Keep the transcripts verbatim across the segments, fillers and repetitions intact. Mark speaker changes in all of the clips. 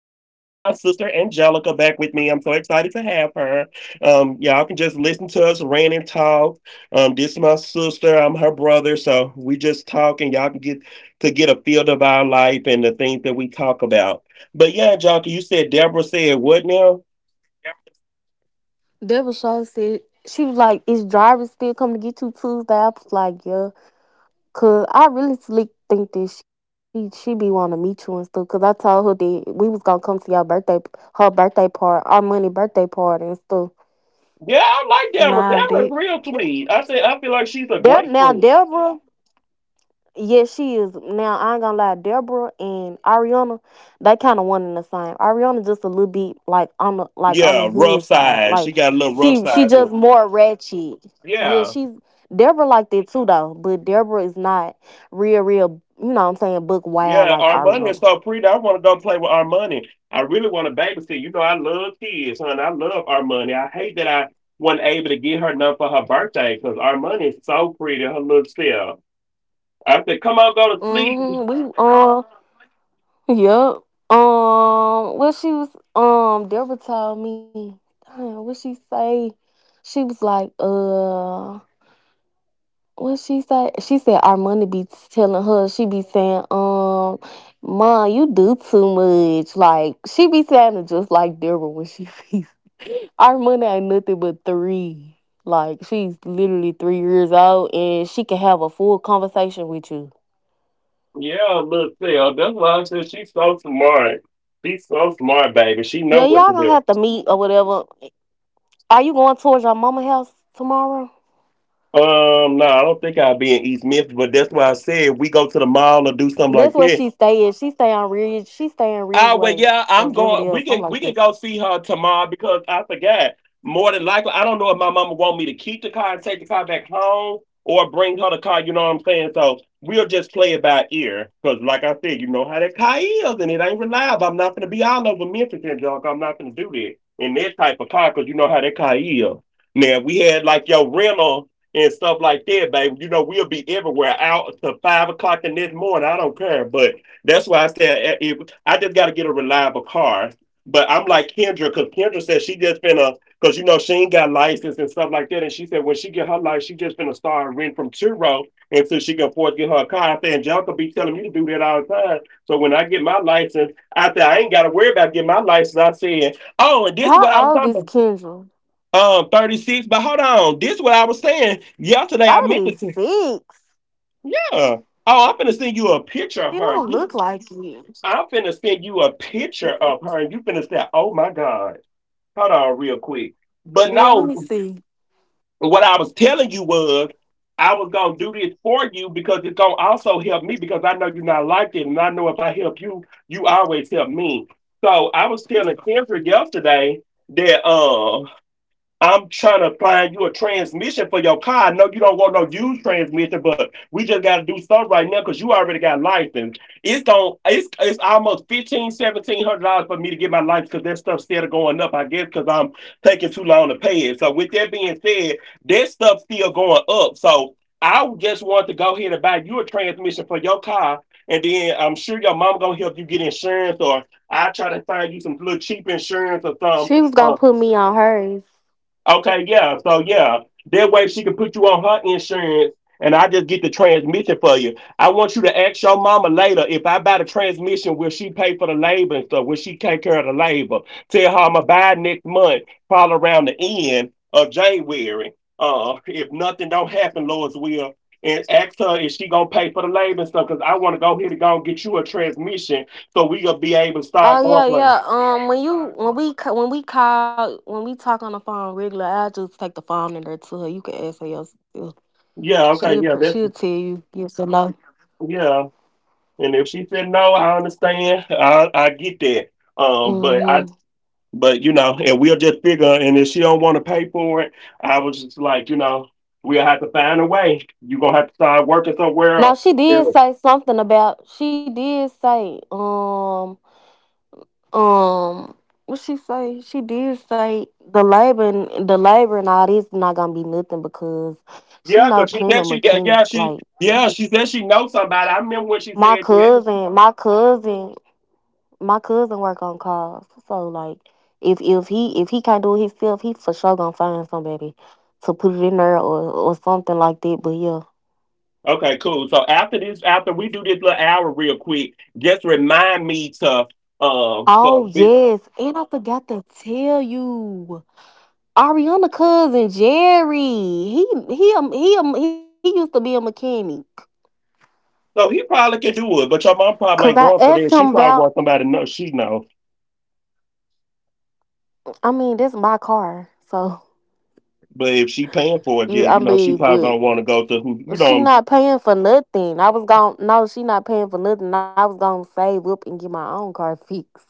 Speaker 1: sister Angelica back with me. I'm so excited to have her. Um, y'all can just listen to us rant and talk. Um, this is my sister. I'm her brother, so we just talk, and y'all can get to get a feel of our life and the things that we talk about. But yeah, Angelica, you said Deborah said what now?
Speaker 2: Yep. Deborah Shaw said she was like, "Is drivers still coming to get you Tuesday?" I was like, "Yeah," cause I really slick think that she she be want to meet you and stuff. Cause I told her that we was gonna come to your birthday, her birthday party, our money birthday party and stuff,
Speaker 1: Yeah, I like
Speaker 2: and
Speaker 1: Deborah.
Speaker 2: all of
Speaker 1: Deborah's
Speaker 2: that.
Speaker 1: real sweet. I said I feel like she's a
Speaker 2: Deb,
Speaker 1: great
Speaker 2: now
Speaker 1: friend.
Speaker 2: Deborah, yes, she is. Now I ain't gonna lie, Deborah and Ariana, they kind of one and the same. Ariana just a little bit like on the like on the
Speaker 1: Yeah, rough
Speaker 2: hood side,
Speaker 1: side. She
Speaker 2: like
Speaker 1: got a little rough
Speaker 2: she she
Speaker 1: side to her.
Speaker 2: just more ratchet. Yeah,
Speaker 1: Yeah.
Speaker 2: she's Deborah like that too though, but Deborah is not real real. You know what I'm saying? Book wild
Speaker 1: Yeah,
Speaker 2: like
Speaker 1: Armani is
Speaker 2: Ariana.
Speaker 1: so pretty. I want to go play with Armani. I really want to babysit. You know, I love kids, hon. I love Armani. I hate that I wasn't able to get her none for her birthday because Armani is so pretty, her little self. I said, come on, go to sleep.
Speaker 2: Mm-hmm. We um yep um what she was um Deborah told me. Damn, what she say? She was like uh. What she say? She said our money be telling her. She be saying, "Um, ma, you do too much." Like she be sounding just like Deborah when she be. Our money ain't nothing but three. Like she's literally three years old, and she can have a full conversation with you.
Speaker 1: Yeah, little self. That's why I said she's so smart. She's so smart, baby. She
Speaker 2: Yeah,
Speaker 1: know what
Speaker 2: y'all
Speaker 1: to
Speaker 2: gonna
Speaker 1: do.
Speaker 2: have to meet or whatever. Are you going towards your mama house tomorrow?
Speaker 1: Um, no, I don't think I'll be in East Memphis, but that's why I said we go to the mall or do something like
Speaker 2: That's where
Speaker 1: that.
Speaker 2: she stay at. She stay on Ridge. She stay in
Speaker 1: Oh well,
Speaker 2: Ridgeway
Speaker 1: yeah,
Speaker 2: or
Speaker 1: I'm going.
Speaker 2: Riverdale,
Speaker 1: We
Speaker 2: something
Speaker 1: can
Speaker 2: like
Speaker 1: we can
Speaker 2: that.
Speaker 1: go see her tomorrow because I forgot. More than likely, I don't know if my mama want me to keep the car and take the car back home or bring her the car. You know what I'm saying? So we'll just play it by ear because, like I said, you know how that car is and it ain't reliable. I'm not gonna be all over Memphis and junk. I'm not gonna do that in that type of car because you know how that car is. Now if we had like your rental and stuff like that, babe. You know we'll be everywhere out to five o'clock the next morning. I don't care, but that's why I said I just got to get a reliable car. But I'm like Kendra, because Kendra said she just been a, because you know she ain't got license and stuff like that. And she said when she get her license, she just been a star and rent from Churro until she can afford to get her a car. I said Angelica be telling me to do that all the time. So when I get my license, I said I ain't got to worry about getting my license. I said, oh, and this what I
Speaker 2: How
Speaker 1: was
Speaker 2: old
Speaker 1: talking
Speaker 2: is
Speaker 1: about.
Speaker 2: Kendra?
Speaker 1: Um, thirty-six, but hold on. This what I was saying yesterday. I mentioned, to-
Speaker 2: thirty-six.
Speaker 1: yeah. Oh, I'm gonna send you a picture of
Speaker 2: She
Speaker 1: her.
Speaker 2: don't look like you.
Speaker 1: I'm finna send you a picture of her
Speaker 2: Mm-mm.
Speaker 1: and you finna say, oh my God. Hold on real quick. But
Speaker 2: Yeah, let me
Speaker 1: no,
Speaker 2: see.
Speaker 1: what I was telling you was I was gonna do this for you because it's gonna also help me because I know you're not like it and I know if I help you, you always help me. So I was telling Kendra yesterday that um. I'm trying to find you a transmission for your car. I know you don't want no used transmission, but we just got to do something right now because you already got license. It's on. It's it's almost fifteen, seventeen hundred dollars for me to get my license because that stuff's still going up. I guess because I'm taking too long to pay it. So with that being said, that stuff's still going up. So I just want to go ahead and buy you a transmission for your car, and then I'm sure your mom gonna help you get insurance, or I try to find you some little cheap insurance or something.
Speaker 2: She was gonna put me on hers.
Speaker 1: Okay, yeah. So yeah, that way she can put you on her insurance, and I just get the transmission for you. I want you to ask your mama later if I buy the transmission, will she pay for the labor and stuff? Will she take care of the labor? Tell her I'ma buy next month, probably around the end of January. Uh, if nothing don't happen, Lord's will. And ask her if she gonna pay for the labor and stuff, cause I want to go here to go and get you a transmission, so we gonna be able to
Speaker 2: Oh
Speaker 1: start going.
Speaker 2: yeah,
Speaker 1: Play.
Speaker 2: yeah. Um, when you when we ca- when we call when we talk on the phone regular, I just take the phone in there to her. You can ask her yourself.
Speaker 1: Yeah,
Speaker 2: She'll pr-
Speaker 1: okay, yeah,
Speaker 2: she'll tell
Speaker 1: that's
Speaker 2: you yes or no.
Speaker 1: yeah. And if she said no, I understand. I I get that. Um, but I
Speaker 2: Mm-hmm.
Speaker 1: but you know, and we'll just figure. And if she don't want to pay for it, I was just like, you know, we'll have to find a way. You gonna have to start working somewhere.
Speaker 2: Now
Speaker 1: Else.
Speaker 2: she
Speaker 1: Yeah,
Speaker 2: did say something about she did say um Um, what she say? She did say the labor and the labor and all this not gonna be nothing because
Speaker 1: yeah,
Speaker 2: she
Speaker 1: cause
Speaker 2: know
Speaker 1: she said
Speaker 2: plenty
Speaker 1: she
Speaker 2: of
Speaker 1: got yeah
Speaker 2: mechanics.
Speaker 1: she
Speaker 2: Like
Speaker 1: yeah she said she knows somebody. I remember when she
Speaker 2: my
Speaker 1: said that.
Speaker 2: cousin, my cousin, my cousin work on cars. So like, if if he if he can't do it himself, he for sure gonna find somebody to put it in there or or something like that. But yeah.
Speaker 1: Okay, cool. So after this, after we do this little hour real quick, just remind me to um for
Speaker 2: Oh yes, and I forgot to tell you. Ariana cousin Jerry. He he um, he um, he used to be a mechanic.
Speaker 1: so he probably can do it, but your mom probably
Speaker 2: Cause
Speaker 1: ain't
Speaker 2: I
Speaker 1: going for
Speaker 2: asked
Speaker 1: that. She
Speaker 2: him
Speaker 1: probably
Speaker 2: about.
Speaker 1: wants somebody to know she know.
Speaker 2: I mean, that's my car, so
Speaker 1: But if she paying for it,
Speaker 2: you.
Speaker 1: yeah,
Speaker 2: I
Speaker 1: you know, she
Speaker 2: mean,
Speaker 1: probably
Speaker 2: but
Speaker 1: gonna want to go to who, you know,
Speaker 2: she
Speaker 1: what I'm—
Speaker 2: not paying for nothing. I was going to No, she not paying for nothing. I was gonna save up and get my own car fixed.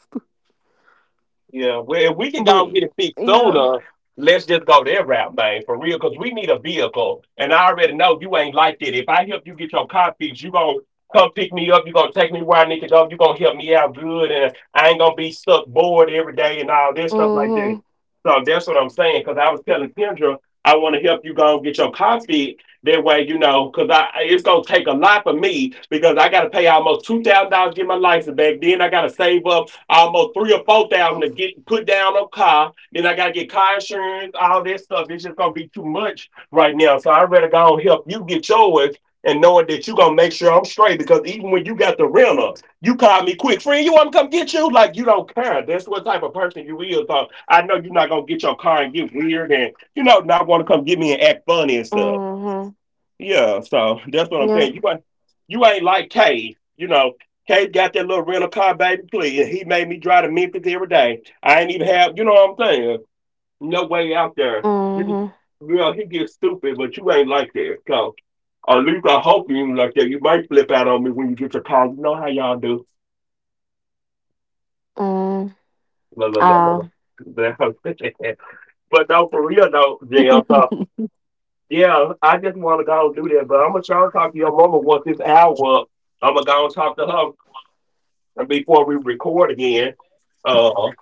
Speaker 1: Yeah, well, if we could
Speaker 2: But
Speaker 1: go get it fixed
Speaker 2: yeah.
Speaker 1: sooner, let's just go that route, man, for real, because we need a vehicle. And I already know you ain't like that. If I help you get your car fixed, you gonna come pick me up, you gonna take me where I need to go, you gonna help me out good, and I ain't gonna be stuck bored every day and all this stuff like that.
Speaker 2: Mhm.
Speaker 1: So that's what I'm saying, because I was telling Kendra, I want to help you go and get your car fixed. That way, you know, because I it's gonna take a lot for me because I gotta pay almost two thousand dollars to get my license back. Then I gotta save up almost three or four thousand to get put down a car. Then I gotta get car insurance, all that stuff. It's just gonna be too much right now. So I'd rather go and help you get yours and knowing that you gonna make sure I'm straight because even when you got the rental, you call me quick, friend, you wanna come get you? Like you don't care. That's what type of person you is. So I know you're not gonna get your car and get weird and you know not wanna come get me and act funny and stuff.
Speaker 2: Mhm.
Speaker 1: Yeah, so that's what I'm
Speaker 2: Yeah.
Speaker 1: saying. You ain't you ain't like Cade. You know, Cade got that little rental car, baby, please. He made me drive to Memphis every day. I ain't even have you know what I'm saying? No way out there. You
Speaker 2: Mhm.
Speaker 1: girl, he gets stupid, but you ain't like that. So at least I hope you ain't like that. You might flip out on me when you get your car. You know how y'all do.
Speaker 2: Mm.
Speaker 1: La, la, la, la, la.
Speaker 2: Ah.
Speaker 1: But no, for real though, Jim. So yeah, I just wanna go and do that. But I'm gonna try to talk to your mama once this hour up. I'm gonna go and talk to her before we record again, uh,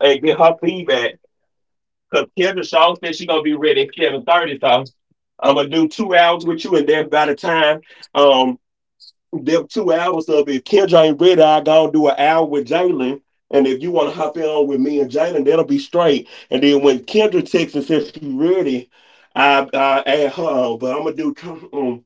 Speaker 1: and get her feedback. Cause Kevin Shaw said she gonna be ready at Kevin, so I'm gonna do two hours with you, and then by the time um them two hours of if Kendra ain't ready, I gonna do an hour with Jalen. And if you wanna hop in on with me and Jalen, that'll be straight. And then when Kendra texts and says she's ready, I I add her on. But I'm gonna do.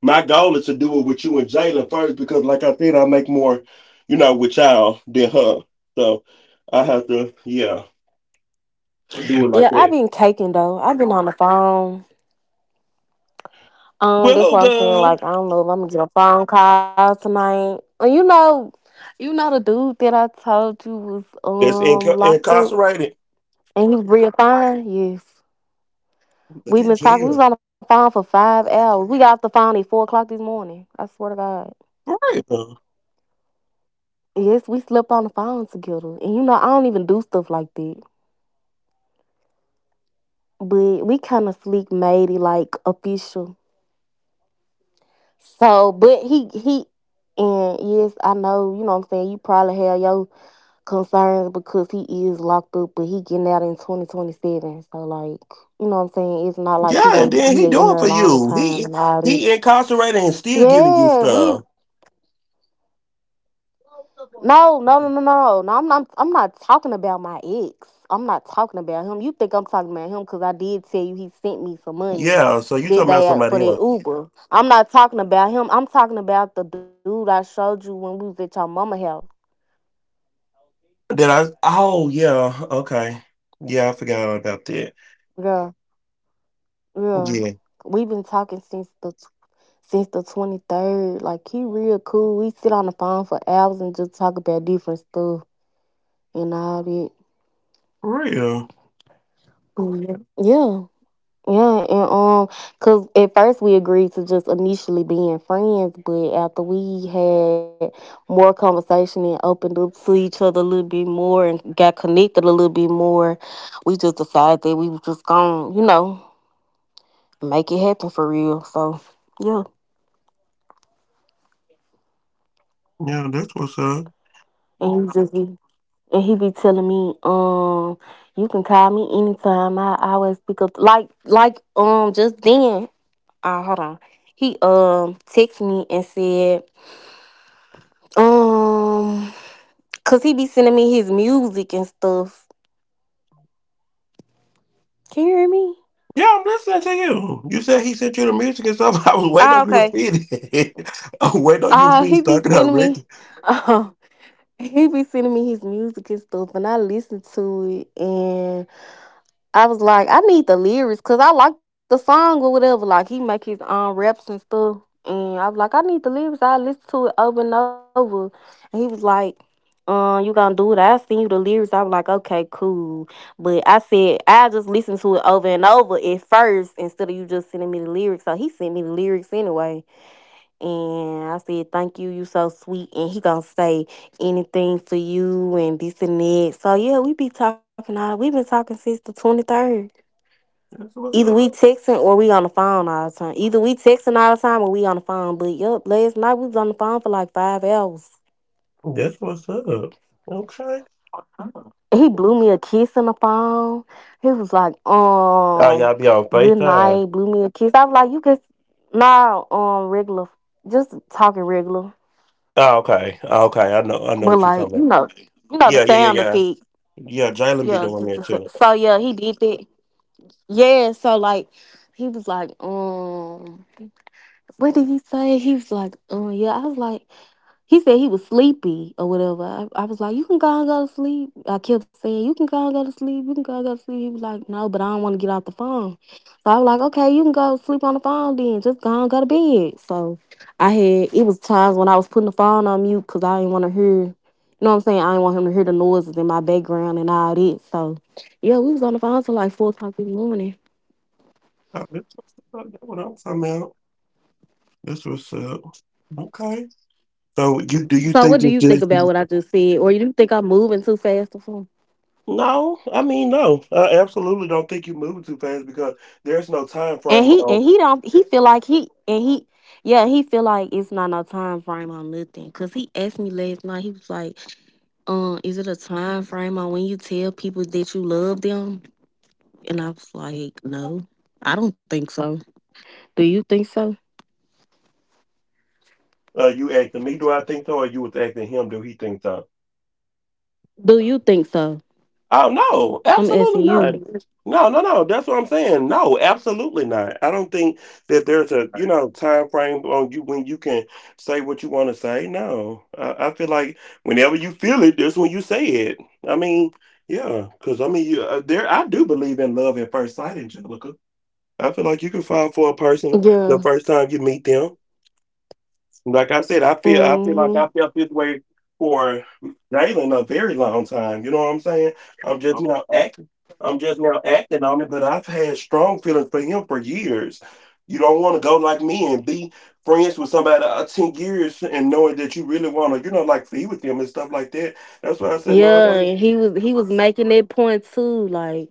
Speaker 1: My goal is to do it with you and Jalen first because, like I said, I make more, you know, with y'all than her. So I have to, yeah, do it like
Speaker 2: Yeah, I've
Speaker 1: that.
Speaker 2: been caking though. I've been on the phone. Um,
Speaker 1: Well,
Speaker 2: that's
Speaker 1: who,
Speaker 2: why I'm saying.
Speaker 1: girl?
Speaker 2: Like, I don't know if I'm gonna get a phone call tonight. Uh, You know, you know the dude that I told you was
Speaker 1: That's
Speaker 2: um
Speaker 1: inca-
Speaker 2: locked up
Speaker 1: incarcerated.
Speaker 2: and he was real fine. Yes,
Speaker 1: Look
Speaker 2: we
Speaker 1: at
Speaker 2: been talking.
Speaker 1: jail.
Speaker 2: We was on the phone for five hours. We got off the phone at four o'clock this morning. I swear to God.
Speaker 1: For real.
Speaker 2: Yes, we slept on the phone together, and you know I don't even do stuff like that. But we kind of sleep matey like official. So, but he he, and yes, I know. You know what I'm saying. You probably have your concerned because he is locked up, but he getting out in twenty twenty seven. So like, you know what I'm saying? It's not like he
Speaker 1: Yeah, and
Speaker 2: gonna
Speaker 1: then
Speaker 2: he
Speaker 1: he
Speaker 2: ain't in
Speaker 1: doing
Speaker 2: there a
Speaker 1: for
Speaker 2: long
Speaker 1: you.
Speaker 2: time
Speaker 1: He
Speaker 2: and all this.
Speaker 1: he incarcerated and still giving you
Speaker 2: Yeah, we
Speaker 1: stuff.
Speaker 2: no, no, no, no, no, no. I'm not. I'm not talking about my ex. I'm not talking about him. You think I'm talking about him because I did tell you he sent me some money
Speaker 1: Yeah, so you
Speaker 2: that
Speaker 1: talking about
Speaker 2: day out for
Speaker 1: somebody
Speaker 2: that
Speaker 1: else.
Speaker 2: Uber. I'm not talking about him. I'm talking about the dude I showed you when we was at your mama house.
Speaker 1: Did I? Oh, yeah. Okay. Yeah, I forgot all about that.
Speaker 2: Yeah, yeah.
Speaker 1: Yeah.
Speaker 2: We've been talking since the since the twenty-third. Like, he real cool. We sit on the phone for hours and just talk about different stuff and all that.
Speaker 1: For real.
Speaker 2: Mhm. Yeah. Yeah, and um, cause at first we agreed to just initially being friends, but after we had more conversation and opened up to each other a little bit more and got connected a little bit more, we just decided that we was just gonna, you know, make it happen for real. So yeah,
Speaker 1: Yeah, that's what's up.
Speaker 2: and he just and he be telling me, um, you can call me anytime. I, I always pick up like like um just then. Uh, hold on. He um texted me and said, um, cause he be sending me his music and stuff. Can you hear me?
Speaker 1: Yeah, I'm listening to you. You said he sent you the music and stuff. I was waiting
Speaker 2: Ah,
Speaker 1: on you to
Speaker 2: okay.
Speaker 1: feed it. I was waiting on you to
Speaker 2: Ah,
Speaker 1: finish
Speaker 2: he be
Speaker 1: talking about
Speaker 2: sending me
Speaker 1: Ricky.
Speaker 2: uh, he be sending me his music and stuff and I listen to it and. I was like, I need the lyrics because I like the song or whatever. Like he make his own raps and stuff, and I was like, I need the lyrics. I listen to it over and over, and he was like, "Um, you gonna do it? I send you the lyrics." I was like, "Okay, cool," but I said I just listen to it over and over at first instead of you just sending me the lyrics. So he sent me the lyrics anyway, and I said, "Thank you, you so sweet." And he gonna say anything for you and this and that. So yeah, we be talking all. We been talking since the twenty third.
Speaker 1: That's what's
Speaker 2: Either we
Speaker 1: up.
Speaker 2: texting or we on the phone all the time. Either we texting all the time or we on the phone. But yep, last night we was on the phone for like five hours.
Speaker 1: That's what's up. Okay.
Speaker 2: He blew me a kiss on the phone. He was like,
Speaker 1: Oh,
Speaker 2: um,
Speaker 1: y'all be on
Speaker 2: good
Speaker 1: FaceTime.
Speaker 2: night, blew me a kiss. I was like, you can Nah, um, regular just talking regular.
Speaker 1: Oh, okay. Oh, okay. I know
Speaker 2: But
Speaker 1: I know what
Speaker 2: like,
Speaker 1: you're
Speaker 2: you
Speaker 1: talking
Speaker 2: know,
Speaker 1: about.
Speaker 2: you know the
Speaker 1: Yeah, yeah,
Speaker 2: sound
Speaker 1: yeah, yeah.
Speaker 2: effect.
Speaker 1: Yeah, Jalen
Speaker 2: Yeah,
Speaker 1: be
Speaker 2: just
Speaker 1: doing
Speaker 2: the
Speaker 1: that
Speaker 2: sa-
Speaker 1: too.
Speaker 2: so yeah, he did that. Yeah, so like he was like, um, what did he say? He was like, um, yeah. I was like, he said he was sleepy or whatever. I, I was like, you can go and go to sleep. I kept saying, you can go and go to sleep. You can go and go to sleep. He was like, no, but I don't want to get off the phone. So I was like, okay, you can go sleep on the phone then. Just go and go to bed. So I had, it was times when I was putting the phone on mute because I didn't want to hear, you know what I'm saying? I didn't want him to hear the noises in my background and all that. So yeah, we was on the phone till like four o'clock in the morning.
Speaker 1: Oh, that's what's up. That's what I'm talking about. That's what's up. Okay. So you do you
Speaker 2: So what
Speaker 1: think
Speaker 2: do
Speaker 1: it's
Speaker 2: you think
Speaker 1: just—
Speaker 2: about what I just said? Or you do think I'm moving too fast or something?
Speaker 1: No, I mean no. I absolutely don't think you moving too fast because there's no time
Speaker 2: And
Speaker 1: frame
Speaker 2: he and
Speaker 1: on—
Speaker 2: he don't he feel like he and he yeah, he feel like it's not no time frame on nothing. Cause he asked me last night. He was like, "Um, is it a time frame on when you tell people that you love them?" And I was like, "No, I don't think so. Do you think so?
Speaker 1: Uh, you asking me, do I think so, or you was asking him, do he think so?
Speaker 2: Do you think so?
Speaker 1: Oh no,
Speaker 2: I'm asking
Speaker 1: absolutely not.
Speaker 2: you."
Speaker 1: No, no, no. That's what I'm saying. No, absolutely not. I don't think that there's a you know time frame on you when you can say what you want to say. No, I, I feel like whenever you feel it, that's when you say it. I mean, yeah, because I mean, you, uh, there I do believe in love at first sight, Angelica. I feel like you can fall for a person
Speaker 2: Yeah.
Speaker 1: the first time you meet them. Like I said, I feel I feel like
Speaker 2: Mhm.
Speaker 1: I felt this way for Jalen a very long time. You know what I'm saying? I'm just now acting. I'm just now acting on it, but I've had strong feelings for him for years. You don't want to go like me and be friends with somebody uh, ten years and knowing that you really want to, you know, like be with them and stuff like that. That's why I said no. I
Speaker 2: Yeah,
Speaker 1: don't.
Speaker 2: and he was he was making that point too. Like,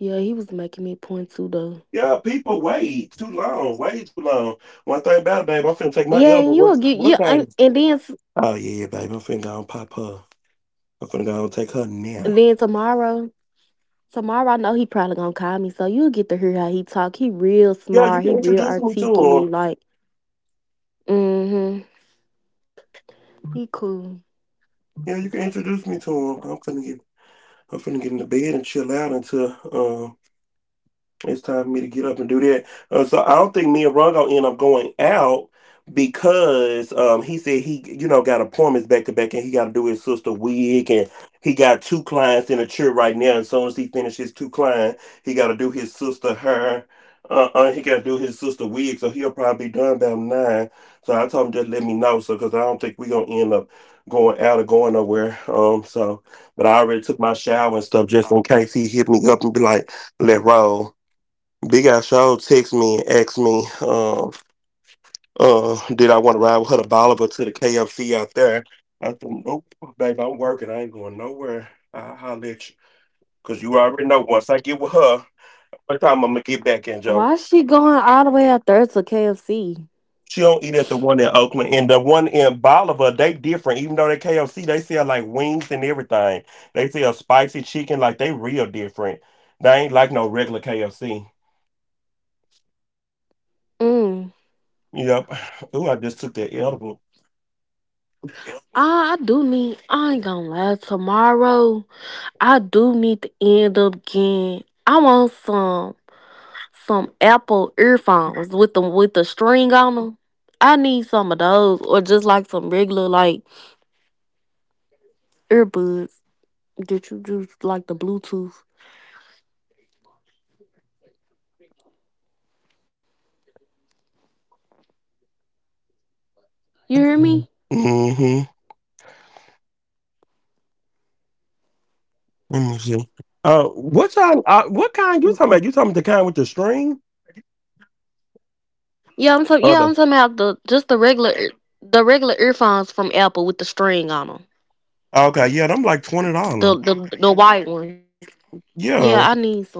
Speaker 2: yeah, he was making that point too though.
Speaker 1: Yeah, people wait too long, way too long. One thing about it, babe, I'm finna take my
Speaker 2: Yeah,
Speaker 1: edible.
Speaker 2: and you will
Speaker 1: What
Speaker 2: get
Speaker 1: what
Speaker 2: yeah, and,
Speaker 1: time?
Speaker 2: and then s-
Speaker 1: Oh yeah, babe, I'm finna go and pop her. I'm finna go and take her now.
Speaker 2: and then tomorrow. Tomorrow, I know he probably gonna call me, so you'll get to hear how he talk. He real
Speaker 1: Yeah, you
Speaker 2: smart. He
Speaker 1: can
Speaker 2: real
Speaker 1: introduce me to him.
Speaker 2: articulate. Like, mm-hmm. He cool.
Speaker 1: Yeah, you can introduce me to him. I'm finna get I'm finna get in the bed and chill out until um it's time for me to get up and do that. Uh, so I don't think me and Ron gonna end up going out because um, he said he, you know, got appointments back to back, and he got to do his sister wig, and he got two clients in a chair right now. And as soon as he finishes two clients, he got to do his sister hair. Uh, uh, he got to do his sister wig, so he'll probably be done about nine. So I told him just let me know, so because I don't think we gonna end up going out or going nowhere. Um, so but I already took my shower and stuff just in case he hit me up and be like, "Let roll." Big Al Show text me and asked me, um, uh, did I want to ride with her to Bolivar to the K F C out there? I said, nope, babe, I'm working. I ain't going nowhere. I'll holler at you. Because you already know once I get with her, what time I'm going to get back in, Joe.
Speaker 2: Why she going all the way out there to K F C?
Speaker 1: She don't eat at the one in Oakland. And the one in Bolivar, they different. Even though they K F C, they sell like wings and everything. They sell spicy chicken. Like, they real different. They ain't like no regular K F C.
Speaker 2: Mm.
Speaker 1: Yep. Ooh, I just took that edible.
Speaker 2: I, I do need, I ain't gonna lie, tomorrow, I do need to end up getting, I want some, some Apple earphones with the, with the string on them. I need some of those, or just like some regular, like, earbuds that you just, like the Bluetooth. You hear me?
Speaker 1: Hmm. Let me see. Uh, what kind? Uh, what kind you talking about? You talking about the kind with the string?
Speaker 2: Yeah, I'm talking.
Speaker 1: Or
Speaker 2: Yeah,
Speaker 1: the
Speaker 2: I'm talking about the just the regular, the regular earphones from Apple with the string on them,
Speaker 1: Okay, yeah, them like twenty
Speaker 2: the
Speaker 1: dollars.
Speaker 2: the the white ones. Yeah, I
Speaker 1: Yeah,
Speaker 2: need some.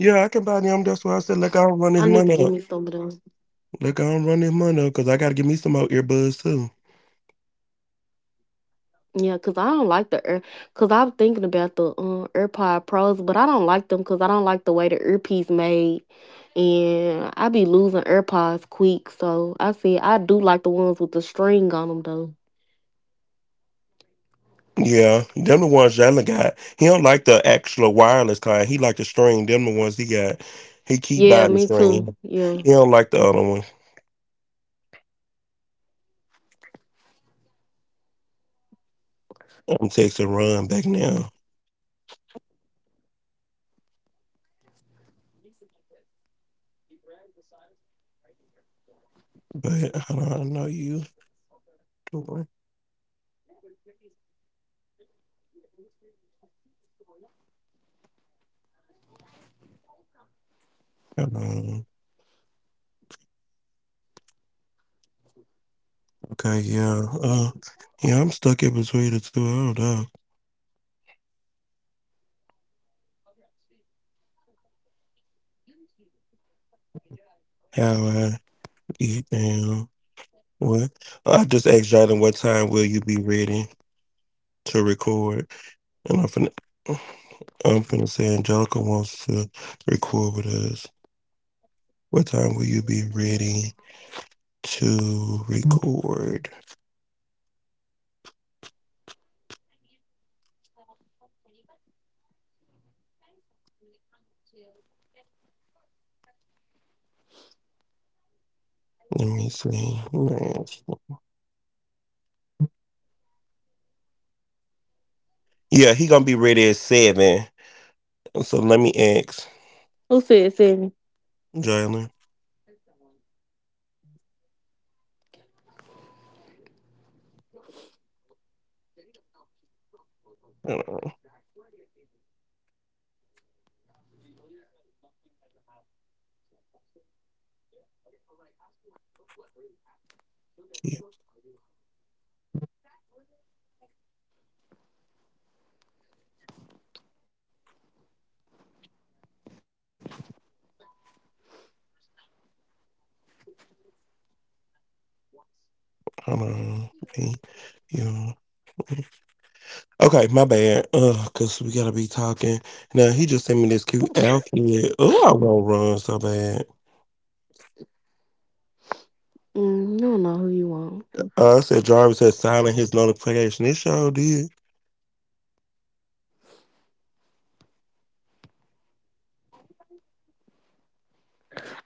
Speaker 1: yeah, I can buy them. That's why I said, like, I don't
Speaker 2: I
Speaker 1: run this
Speaker 2: need to give
Speaker 1: money
Speaker 2: me
Speaker 1: up.
Speaker 2: some of them.
Speaker 1: Like, I don't run this money up because I gotta give me some more earbuds too.
Speaker 2: Yeah, cause I don't like the ear. Cause I'm thinking about the um, AirPod Pros, but I don't like them cause I don't like the way the earpiece made, and I be losing AirPods quick. So I said I do like the ones with the string on them though.
Speaker 1: Yeah, them the ones Jalen got. He don't like the actual wireless kind. He like the string. Them the ones he got. He keep
Speaker 2: Yeah,
Speaker 1: buying the
Speaker 2: me too.
Speaker 1: string. He
Speaker 2: Yeah.
Speaker 1: don't like the other one. I'm texting Run back now, but I don't know you. Hold on. Okay, yeah. Uh, yeah, I'm stuck in between the two. I don't know how I get down. What? I just asked Jalen, what time will you be ready to record? And I'm finna, I'm finna say Angelica wants to record with us. What time will you be ready to record? Let me see. Yeah, he gonna be ready at seven. So let me ask
Speaker 2: Who said seven?
Speaker 1: Jalen. Hold on. Hold on. P U. Okay, my bad. Uh, cause we gotta be talking. Now he just sent me this cute outfit. Oh, I want to run so bad.
Speaker 2: Mm, you don't know who you want.
Speaker 1: Uh, I said Jarvis had silent his notification. It sure did.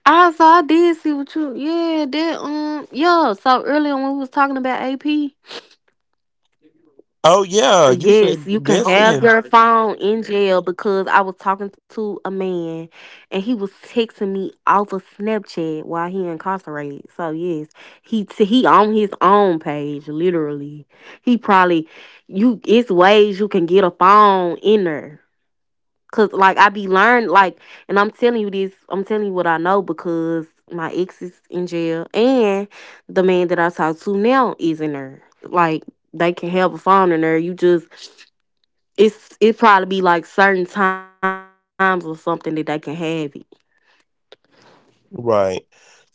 Speaker 2: I so I did see what you yeah that um yeah so earlier when we was talking about A P,
Speaker 1: Oh yeah, you
Speaker 2: yes,
Speaker 1: said
Speaker 2: you can
Speaker 1: that's
Speaker 2: have
Speaker 1: him.
Speaker 2: your phone in jail because I was talking to a man and he was texting me off of Snapchat while he incarcerated. So yes, he t- he on his own page literally. He probably— you it's ways you can get a phone in there. Cause like I be learned like, and I'm telling you this, I'm telling you what I know because my ex is in jail, and the man that I talk to now is in there. Like they can have a phone in there. You just, it's it probably be like certain times or something that they can have it.
Speaker 1: Right.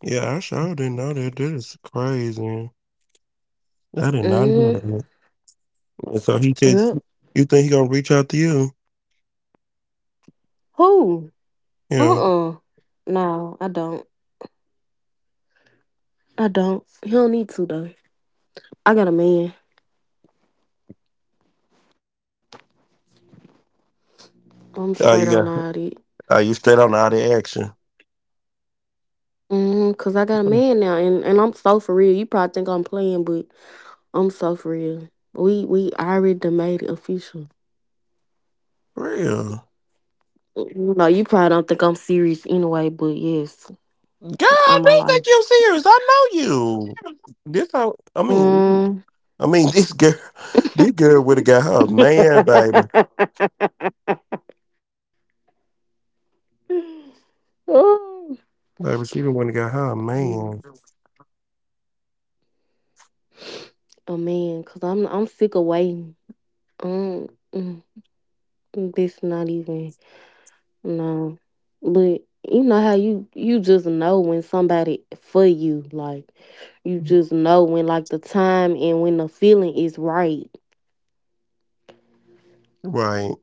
Speaker 1: Yeah, I sure didn't know that. That is crazy. I did not know
Speaker 2: Mm-hmm.
Speaker 1: that. And so he
Speaker 2: Yep.
Speaker 1: just, you think he gonna reach out to you?
Speaker 2: Who? Uh.
Speaker 1: Yeah.
Speaker 2: uh No, I don't. I don't. He don't need to though. I got a man. I'm straight
Speaker 1: Oh,
Speaker 2: on
Speaker 1: you
Speaker 2: all
Speaker 1: got.
Speaker 2: that.
Speaker 1: Are you straight on out of action?
Speaker 2: Mm-hmm. Cause I got a
Speaker 1: For
Speaker 2: man now, and and I'm so for real. You probably think I'm playing, but. I'm so for real. We we already done made it official.
Speaker 1: real. Girl,
Speaker 2: You know, you probably don't think I'm serious anyway, but yes, on my
Speaker 1: they
Speaker 2: life.
Speaker 1: think you serious. I know you. This how I mean.
Speaker 2: Mm,
Speaker 1: I mean, this girl, this girl would have got her a man, baby.
Speaker 2: Ooh.
Speaker 1: Baby, she done would have got her a man.
Speaker 2: You Man, cause I'm I'm sick of waiting. Um, mm, mm, this not even— no, but you know how you you just know when somebody for you, like you just know when like the time and when the feeling is right.
Speaker 1: Right.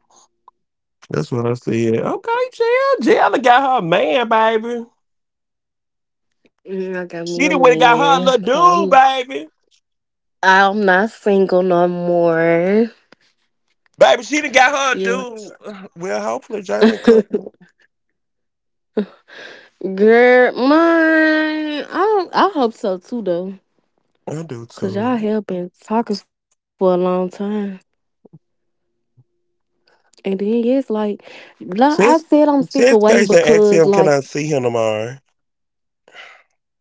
Speaker 1: That's what I said. Okay, Jill. Jill done got her a man, baby.
Speaker 2: Mm, I got me a
Speaker 1: She done would have got
Speaker 2: man,
Speaker 1: her a
Speaker 2: so
Speaker 1: little
Speaker 2: I'm
Speaker 1: dude, baby.
Speaker 2: I'm not single no more.
Speaker 1: Baby, she done got her a
Speaker 2: You,
Speaker 1: dude. Well, hopefully Jalen cook.
Speaker 2: girl, mine. I don't, I hope so too though,
Speaker 1: I do
Speaker 2: cause y'all
Speaker 1: too.
Speaker 2: have been talking for a long time, and then yes, like, like I
Speaker 1: Since
Speaker 2: said, I'm sick
Speaker 1: since
Speaker 2: of waiting
Speaker 1: Casey asked
Speaker 2: because
Speaker 1: him, can
Speaker 2: like
Speaker 1: I see him tomorrow?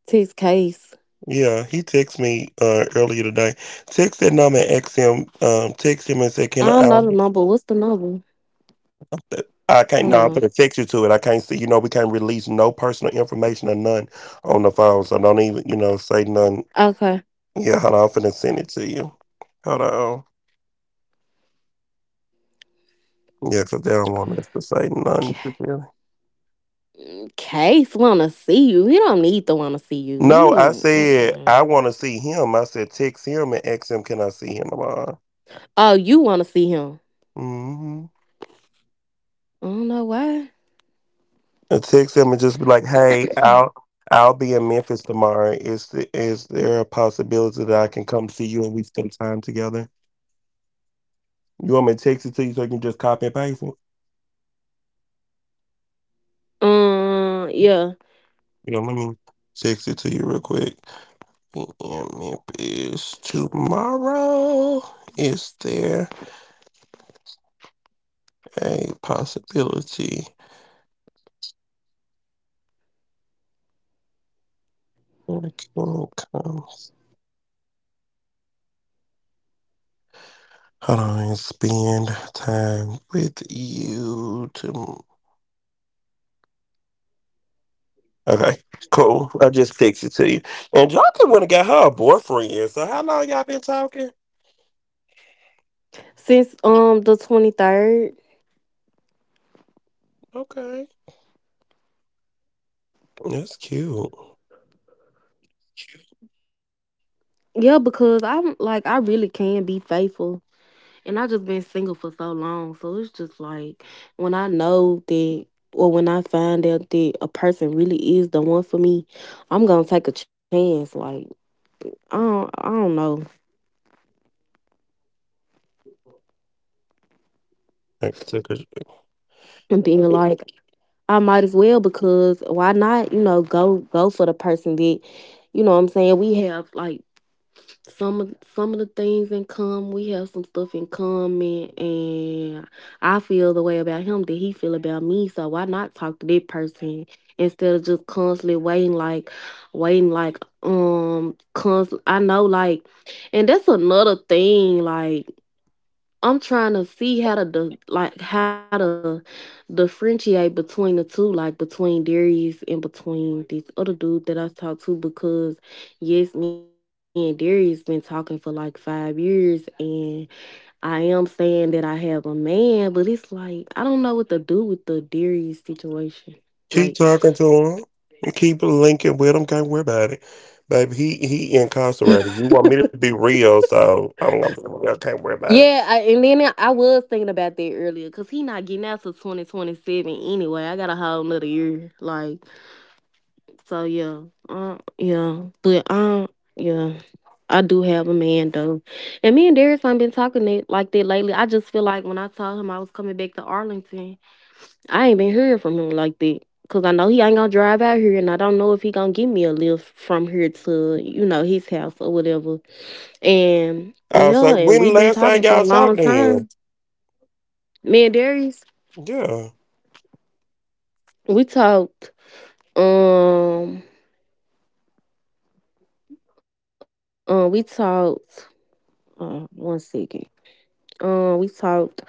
Speaker 2: this case.
Speaker 1: Yeah, he texted me uh, earlier today. Text that number and asked him, um, text him and said,
Speaker 2: I
Speaker 1: can
Speaker 2: don't
Speaker 1: I?
Speaker 2: know the number. What's the number? Hold
Speaker 1: I can't
Speaker 2: on.
Speaker 1: no, I'm gonna text you to it. I can't see you know, we can't release no personal information or none on the phone. So don't even, you know, say none.
Speaker 2: Okay.
Speaker 1: Yeah, hold on, I'm finna send it to you. Hold on. Yeah, 'cause they don't want us to say
Speaker 2: C-
Speaker 1: none. Really?
Speaker 2: Case wanna see you. He don't need to wanna see you.
Speaker 1: No,
Speaker 2: He.
Speaker 1: I said I
Speaker 2: Mm-mm.
Speaker 1: wanna see him. I said text him and ask him can I see him tomorrow.
Speaker 2: Oh, you wanna see him?
Speaker 1: Mm-hmm.
Speaker 2: I don't know why.
Speaker 1: And text him and just be like, "Hey, I'll I'll be in Memphis tomorrow. Is the, is there a possibility that I can come see you and we spend time together?" You want me to text it to you so you can just copy and paste it?
Speaker 2: Um, yeah.
Speaker 1: Yeah, let me text it to you real quick. E M tomorrow. Is there a possibility that can comes? Hold on, spend time with you tomorrow. Okay, cool. I just texted to you. And Jonathan went and got her a boyfriend. So how long y'all been talking?
Speaker 2: Since um the twenty third.
Speaker 1: Okay, that's cute.
Speaker 2: Yeah, because I'm like I really can be faithful. And I just been single for so long. So it's just like when I know that, or when I find out that a person really is the one for me, I'm gonna take a chance. Like I don't I don't know.
Speaker 1: Alright, so 'cause-
Speaker 2: And being like I might as well because why not, you know, go go for the person that— you know what I'm saying, we have like some of some of the things in common, we have some stuff in common, and I feel the way about him that he feel about me, so why not talk to that person instead of just constantly waiting like waiting like. um const- I know like, and that's another thing like, I'm trying to see how to di- like how to differentiate between the two, like between Darius and between this other dude that I talked to. Because yes, me and Darius been talking for like five years, and I am saying that I have a man, but it's like I don't know what to do with the Darius situation. Like,
Speaker 1: keep talking to him. Keep linking with him. Can't worry about it, baby. He he incarcerated. You want me to be real, so I'm, I'm I can't worry about it.
Speaker 2: yeah, I, and then I I was thinking about that earlier because he not getting out till twenty twenty-seven anyway. I got a whole another year, like. So yeah, uh, yeah, but um, yeah, I do have a man though, and me and Darius ain't been talking that, like that lately. I just feel like when I told him I was coming back to Arlington, I ain't been hearing from him like that. Cause I know he ain't gonna drive out here, and I don't know if he gonna give me a lift from here to you know his house or whatever. And
Speaker 1: I was
Speaker 2: yeah,
Speaker 1: like,
Speaker 2: and
Speaker 1: when
Speaker 2: we've
Speaker 1: the
Speaker 2: been
Speaker 1: last
Speaker 2: talking
Speaker 1: time
Speaker 2: for a
Speaker 1: y'all
Speaker 2: long
Speaker 1: talked to
Speaker 2: time.
Speaker 1: him?
Speaker 2: Me and Darius,
Speaker 1: Yeah.
Speaker 2: we talked. Um, uh, we talked. Uh, one second. Um, we talked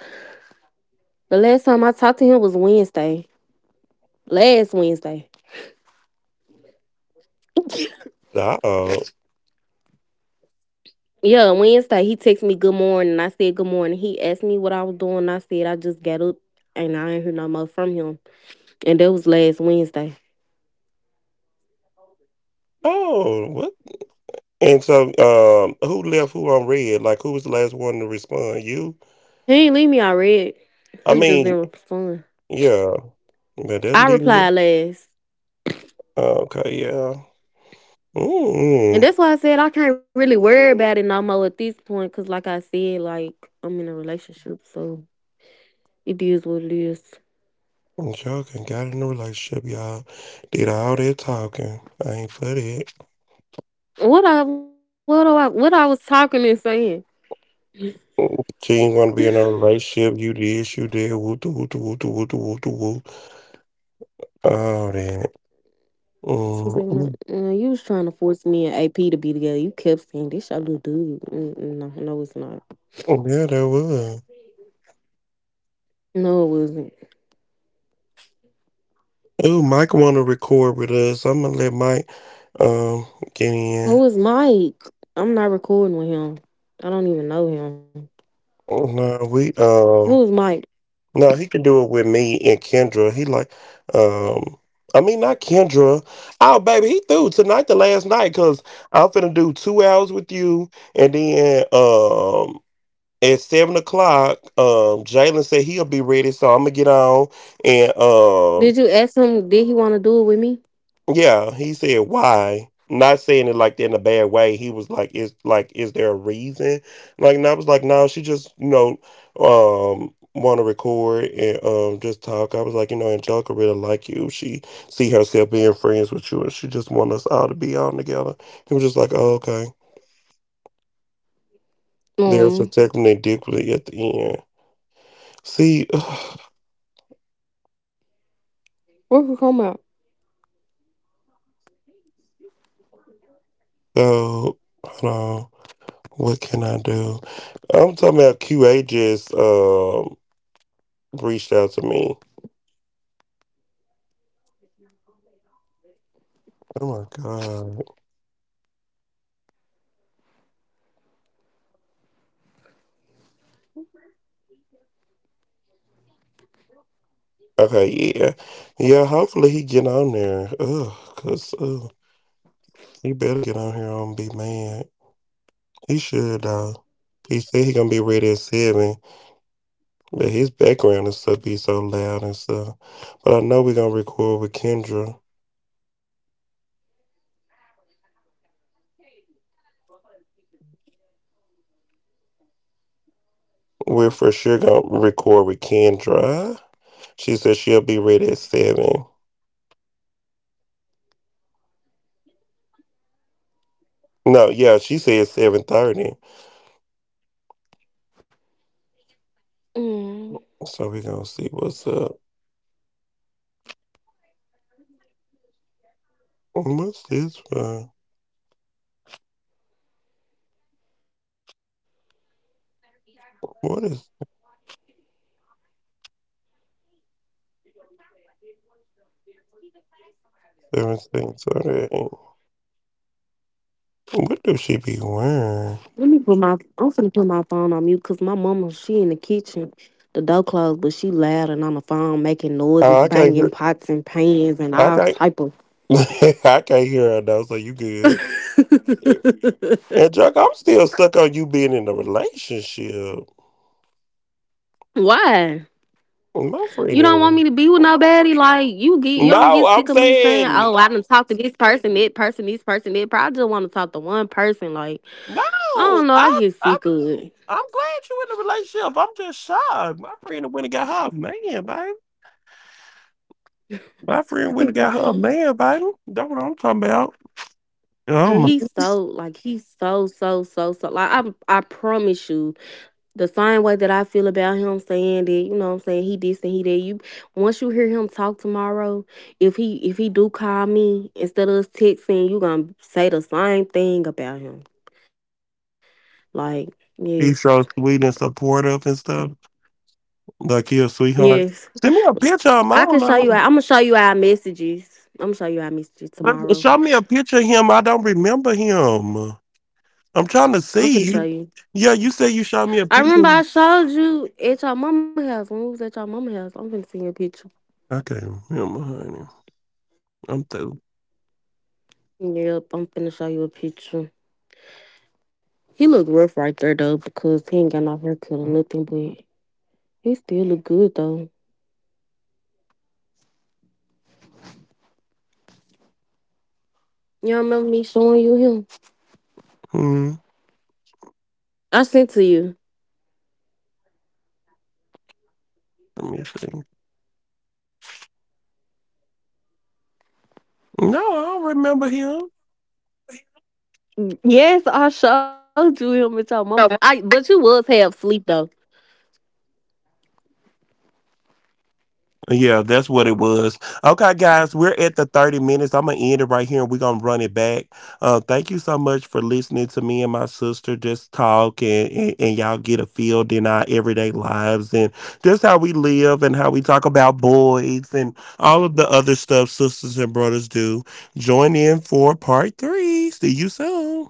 Speaker 2: The last time I talked to him was Wednesday. Last Wednesday.
Speaker 1: Uh oh.
Speaker 2: Yeah, Wednesday. He texted me good morning and I said good morning. He asked me what I was doing, and I said I just got up and I ain't heard no more from him. And that was last Wednesday.
Speaker 1: Oh, what? And so, um, who left who on red? Like, who was the last one to respond? You?
Speaker 2: He ain't leave me I read.
Speaker 1: I
Speaker 2: He just
Speaker 1: mean,
Speaker 2: didn't respond.
Speaker 1: yeah. But that'll
Speaker 2: I
Speaker 1: leave me.
Speaker 2: replied last.
Speaker 1: Oh, okay, yeah.
Speaker 2: And
Speaker 1: Mm-mm.
Speaker 2: that's why I said I can't really worry about it no more at this point. Cause like I said, like I'm in a relationship, so it is what it is.
Speaker 1: Y'all can got in a relationship, y'all. Did all that talking. I ain't for that.
Speaker 2: What I what do I what I was talking and saying.
Speaker 1: She ain't want to be in a relationship. You did, you did. Woo doo woo doo woo doo woo doo woo doo woo. All that. Mm,
Speaker 2: Susanna,
Speaker 1: mm,
Speaker 2: uh, uh, you was trying to force me and A P to be together. You kept saying this your little dude. Mm, mm, No, no, it's not.
Speaker 1: mm, yeah, that was.
Speaker 2: No, it wasn't.
Speaker 1: Ooh, Mike want to record with us. I'm gonna let Mike um get
Speaker 2: Who
Speaker 1: in.
Speaker 2: was Mike? I'm not recording with him. I don't even know him.
Speaker 1: No, we
Speaker 2: Who was
Speaker 1: um
Speaker 2: Mike?
Speaker 1: no, he can do it with me and Kendra. He like um. I mean, not Kendra. Oh, baby, he threw tonight, the last night, cause I'm finna do two hours with you, and then um at seven o'clock, um, Jalen said he'll be ready, so I'm gonna get on. And um,
Speaker 2: Did you ask him? Did he want to do it with me?
Speaker 1: yeah, he said why. Not saying it like that in a bad way. He was like, "Is like, is there a reason?" Like, and I was like, "No, she just, you know, um, want to record and um, just talk." I was like, "You know, Angelica really like you. She see herself being friends with you, and she just want us all to be on together." He was just like, oh, "Okay." There's a
Speaker 2: Um,
Speaker 1: technical difficulty at the end. See,
Speaker 2: where could come out?
Speaker 1: so hold on. What can I do? I'm talking about Q A just um reached out to me. Oh my god. Okay, yeah, yeah. Hopefully he get on there. Ugh, cause ugh, he better get on here and be mad. He should though. He said he gonna be ready at seven, but his background and stuff be so loud and stuff. But I know we gonna record with Kendra. We're for sure gonna record with Kendra. She said she'll be ready at seven. No, yeah, she said seven thirty.
Speaker 2: Mm.
Speaker 1: So we gonna see what's up. What's this for? What is everything Sunday? What do she be wearing?
Speaker 2: Let me put my— I'm finna put my phone on mute because my mama she in the kitchen. The door closed, but she loud and on the phone making noises,
Speaker 1: Oh, I can't
Speaker 2: banging
Speaker 1: hear.
Speaker 2: pots and pans and
Speaker 1: I
Speaker 2: all
Speaker 1: can't.
Speaker 2: type of.
Speaker 1: I can't hear her though. So you good? And Chuck, I'm still stuck on you being in a relationship.
Speaker 2: Why?
Speaker 1: My friend
Speaker 2: You
Speaker 1: in a
Speaker 2: don't want
Speaker 1: re-
Speaker 2: me to be with nobody. Like you get, you don't
Speaker 1: No,
Speaker 2: get
Speaker 1: I'm
Speaker 2: sick of me saying,
Speaker 1: saying
Speaker 2: "Oh, I done talked to this person, that person, this person, that." But I just want to talk to one person. Like I
Speaker 1: no.
Speaker 2: don't know, I
Speaker 1: I,
Speaker 2: get
Speaker 1: I,
Speaker 2: sick of it.
Speaker 1: I'm glad you in a relationship. I'm just shocked. My friend went and got her a man, baby. My friend went and got her a man, baby. That's what I'm talking about.
Speaker 2: And
Speaker 1: Oh,
Speaker 2: he's so like he's so so so so like I I promise you, the same way that I feel about him, saying that you know what I'm saying, he this and he that. You once you hear him talk tomorrow, if he if he do call me instead of us texting, you gonna say the same thing about him, like yes,
Speaker 1: he's so sweet and supportive and stuff. Like he a sweetheart.
Speaker 2: yes.
Speaker 1: Send me a picture of him. I
Speaker 2: I can
Speaker 1: don't
Speaker 2: show you.
Speaker 1: know.
Speaker 2: I'm gonna show you our messages. I'm gonna show you our messages
Speaker 1: But
Speaker 2: tomorrow.
Speaker 1: show me a picture of him. I don't remember him. I'm trying to
Speaker 2: I'm
Speaker 1: see.
Speaker 2: finna show
Speaker 1: You-
Speaker 2: you.
Speaker 1: Yeah, you said you showed me a
Speaker 2: I
Speaker 1: picture.
Speaker 2: remember I showed you at your mama house when we was at your mama house. I'm finna send you a picture.
Speaker 1: Okay, him, honey. I'm through.
Speaker 2: Yep, I'm finna show you a picture. He look rough right there though because he ain't got no haircut or nothing, but he still look good though. You remember me showing you him?
Speaker 1: Hmm.
Speaker 2: I sent to you.
Speaker 1: Let me see. No, I don't remember him.
Speaker 2: Yes, I showed you him at your mama. I but you was half sleep though.
Speaker 1: Yeah, that's what it was. Okay, guys, we're at the thirty minutes. I'm going to end it right here and we're going to run it back. Uh, thank you so much for listening to me and my sister just talk and, and, and y'all get a feel in our everyday lives and just how we live and how we talk about boys and all of the other stuff sisters and brothers do. Join in for part three. See you soon.